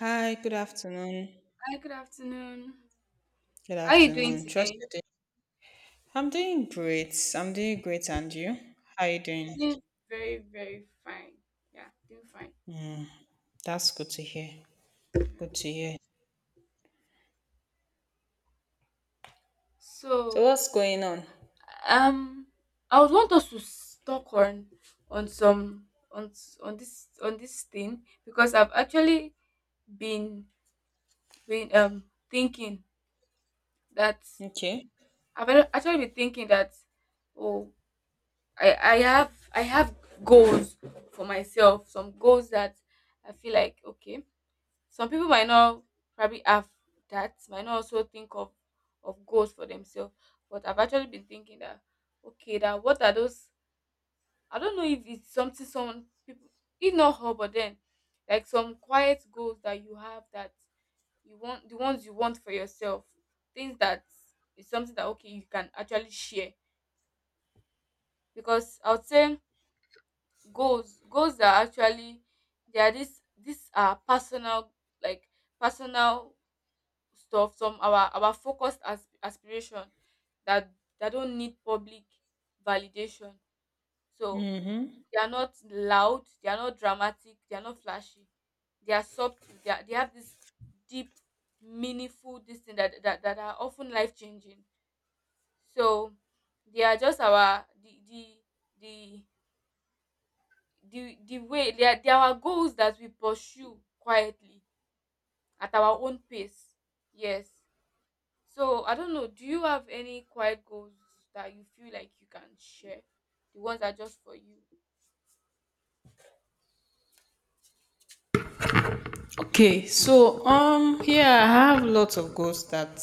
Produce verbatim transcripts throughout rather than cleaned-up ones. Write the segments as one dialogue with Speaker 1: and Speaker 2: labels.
Speaker 1: Hi, good afternoon.
Speaker 2: Hi, good afternoon.
Speaker 1: Good
Speaker 2: How are you doing
Speaker 1: afternoon. Trust
Speaker 2: today?
Speaker 1: you. doing- I'm doing great. I'm doing great, and you? How you
Speaker 2: I'm
Speaker 1: doing?
Speaker 2: doing very, very fine. Yeah, doing fine.
Speaker 1: That's good to hear. Good to hear. So
Speaker 2: So,
Speaker 1: what's going on?
Speaker 2: um, I would want us to s- talk on on some on s- on this on this thing because I've actually been been um thinking that
Speaker 1: Okay.
Speaker 2: I've ac- actually been thinking that oh I I have I have goals for myself, some goals that I feel like, okay, some people might not probably have that, might not also think of of goals for themselves. But I've actually been thinking that, okay, that what are those? I don't know if it's something someone people, if not her, but then like some quiet goals that you have that you want, the ones you want for yourself, things that is something that okay you can actually share. Because I would say goals, goals are actually, they are this these are personal, like personal stuff, some our our focused as aspiration that that don't need public validation. So
Speaker 1: Mm-hmm.
Speaker 2: they are not loud, they are not dramatic, they are not flashy, they are subtle, they, are, they have this deep meaningful this thing that, that that are often life changing. So they are just our the the the the, the way they are, they are our goals that we pursue quietly at our own pace. Yes. So I don't know, do you have any quiet goals that you feel like you can share? The ones that are just for you.
Speaker 1: Okay. So um, yeah, I have lots of goals that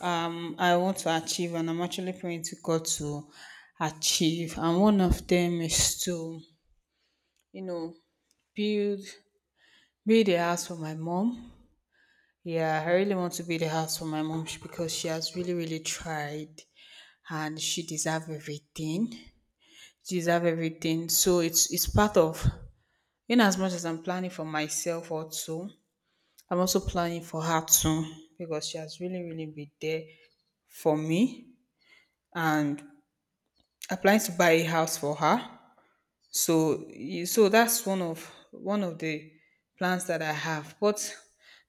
Speaker 1: um I want to achieve, and I'm actually praying to God to achieve. And one of them is to, you know, build build a house for my mom. Yeah, I really want to be the house for my mom sh- because she has really, really tried and she deserve everything. She deserve everything. So it's it's part of, in as much as I'm planning for myself also, I'm also planning for her too, because she has really, really been there for me,
Speaker 2: Yeah.
Speaker 1: and I plan to buy a house for her. So y- so that's one of one of the plans that I have. But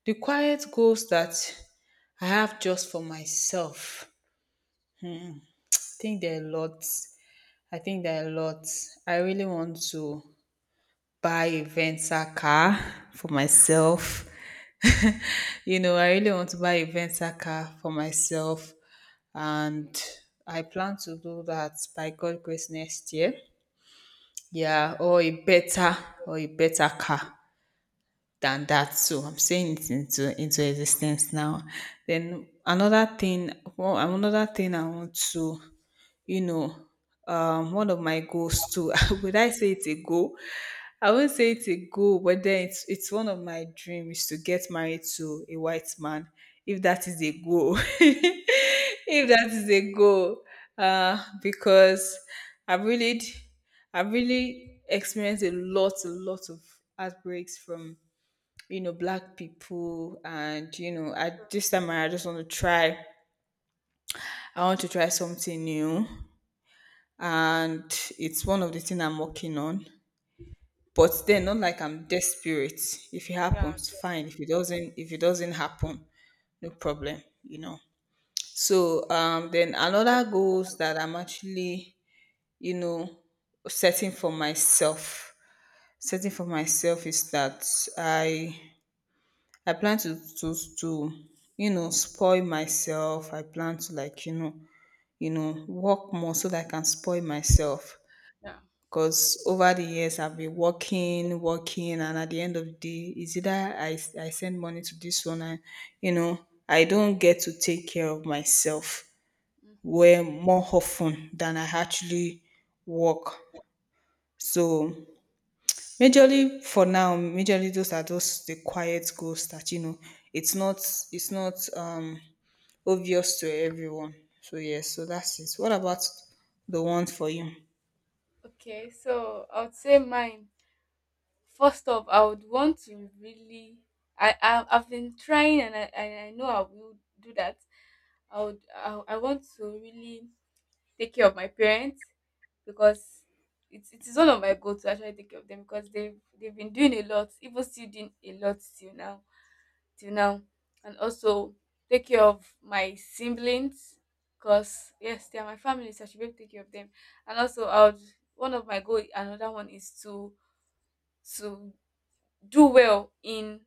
Speaker 1: the quiet goals that I have just for myself, think there are lots. I think there are lots. I really want to buy a Venza car for myself. You know, I really want to buy a Venza car for myself. And
Speaker 2: Okay.
Speaker 1: I plan to do that by God grace next year.
Speaker 2: Great.
Speaker 1: Yeah, or a better or a better car than that. So I'm
Speaker 2: Yeah.
Speaker 1: saying it into into existence now. Then another thing, well, another thing I want to, you know, um, one of my goals too. Would I say it's a goal? I won't say it's a goal, but then it's it's one of my dreams to get married to a white man, if that is a goal. If that is a goal, uh, because I've really, I've really experienced a lot, a lot of outbreaks from, you know, black people, and you know at this time I just want to try. I want to try something new, and it's one of the things I'm working on. But then, not like I'm desperate. If it
Speaker 2: Yeah.
Speaker 1: happens, fine. If it doesn't, if it doesn't happen, no problem. You know. So um, then another goals that I'm actually, you know, setting for myself. Setting for myself is that I I plan to to to you know spoil myself. I plan to, like, you know, you know, work more so that I can spoil myself.
Speaker 2: Yeah.
Speaker 1: Because over the years, I've been working, working, and at the end of the day, it's either I, I send money to this one, and you know, I don't get to take care of myself
Speaker 2: Hmm.
Speaker 1: where more often than I actually work. So, majorly for now, majorly those are just the quiet goals that you know, it's not it's not um obvious to everyone. So yes, so that's it. What about the one for you?
Speaker 2: Okay. So I would say mine. First off, I would want to really, I, I I've been trying and I and I know I will do that. I would I, I want to really take care of my parents because it's it is one of my goal to actually take care of them because they've they've been doing a lot, even still doing a lot till now, till now. And also take care of my siblings because, yes, they are my family, so I should be able to take care of them. And also I would, one of my goal, another one is to to do well in,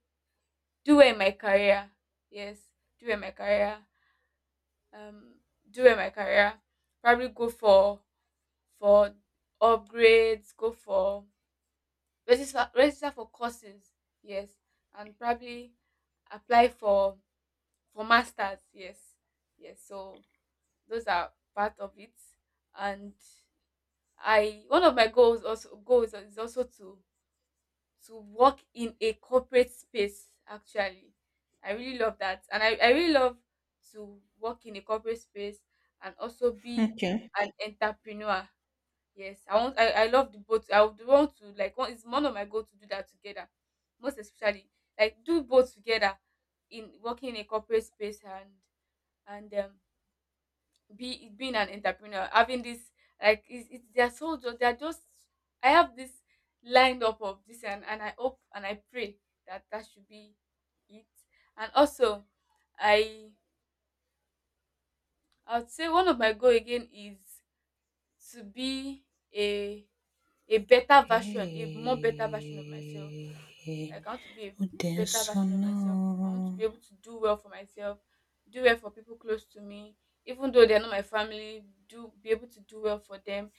Speaker 2: do well in my career. Yes, do well in my career. Um do well in my career. Probably go for for upgrades, go for register register for courses, yes, and probably apply for for masters, yes, yes. So those are part of it. And I, one of my goals also goals is also to to work in a corporate space. Actually, I really love that, and I I really love to work in a corporate space and also be
Speaker 1: Okay.
Speaker 2: an entrepreneur. Yes, I want I I love the both. I would want to, like one, it's one of my goal to do that together. Most especially like do both together, in working in a corporate space and and um be being an entrepreneur, having this, like it's, it's they're so ju- they're just, I have this lined up of this, and and I hope and I pray that that should be it. And also I I would say one of my goal again is to be a a better version, a more better version of myself,
Speaker 1: Hey,
Speaker 2: like I want to be a
Speaker 1: o
Speaker 2: better
Speaker 1: denso
Speaker 2: version of myself, I want to be
Speaker 1: não.
Speaker 2: able to do well for myself, do well for people close to me, even though they're not my family, do be able to do well for them.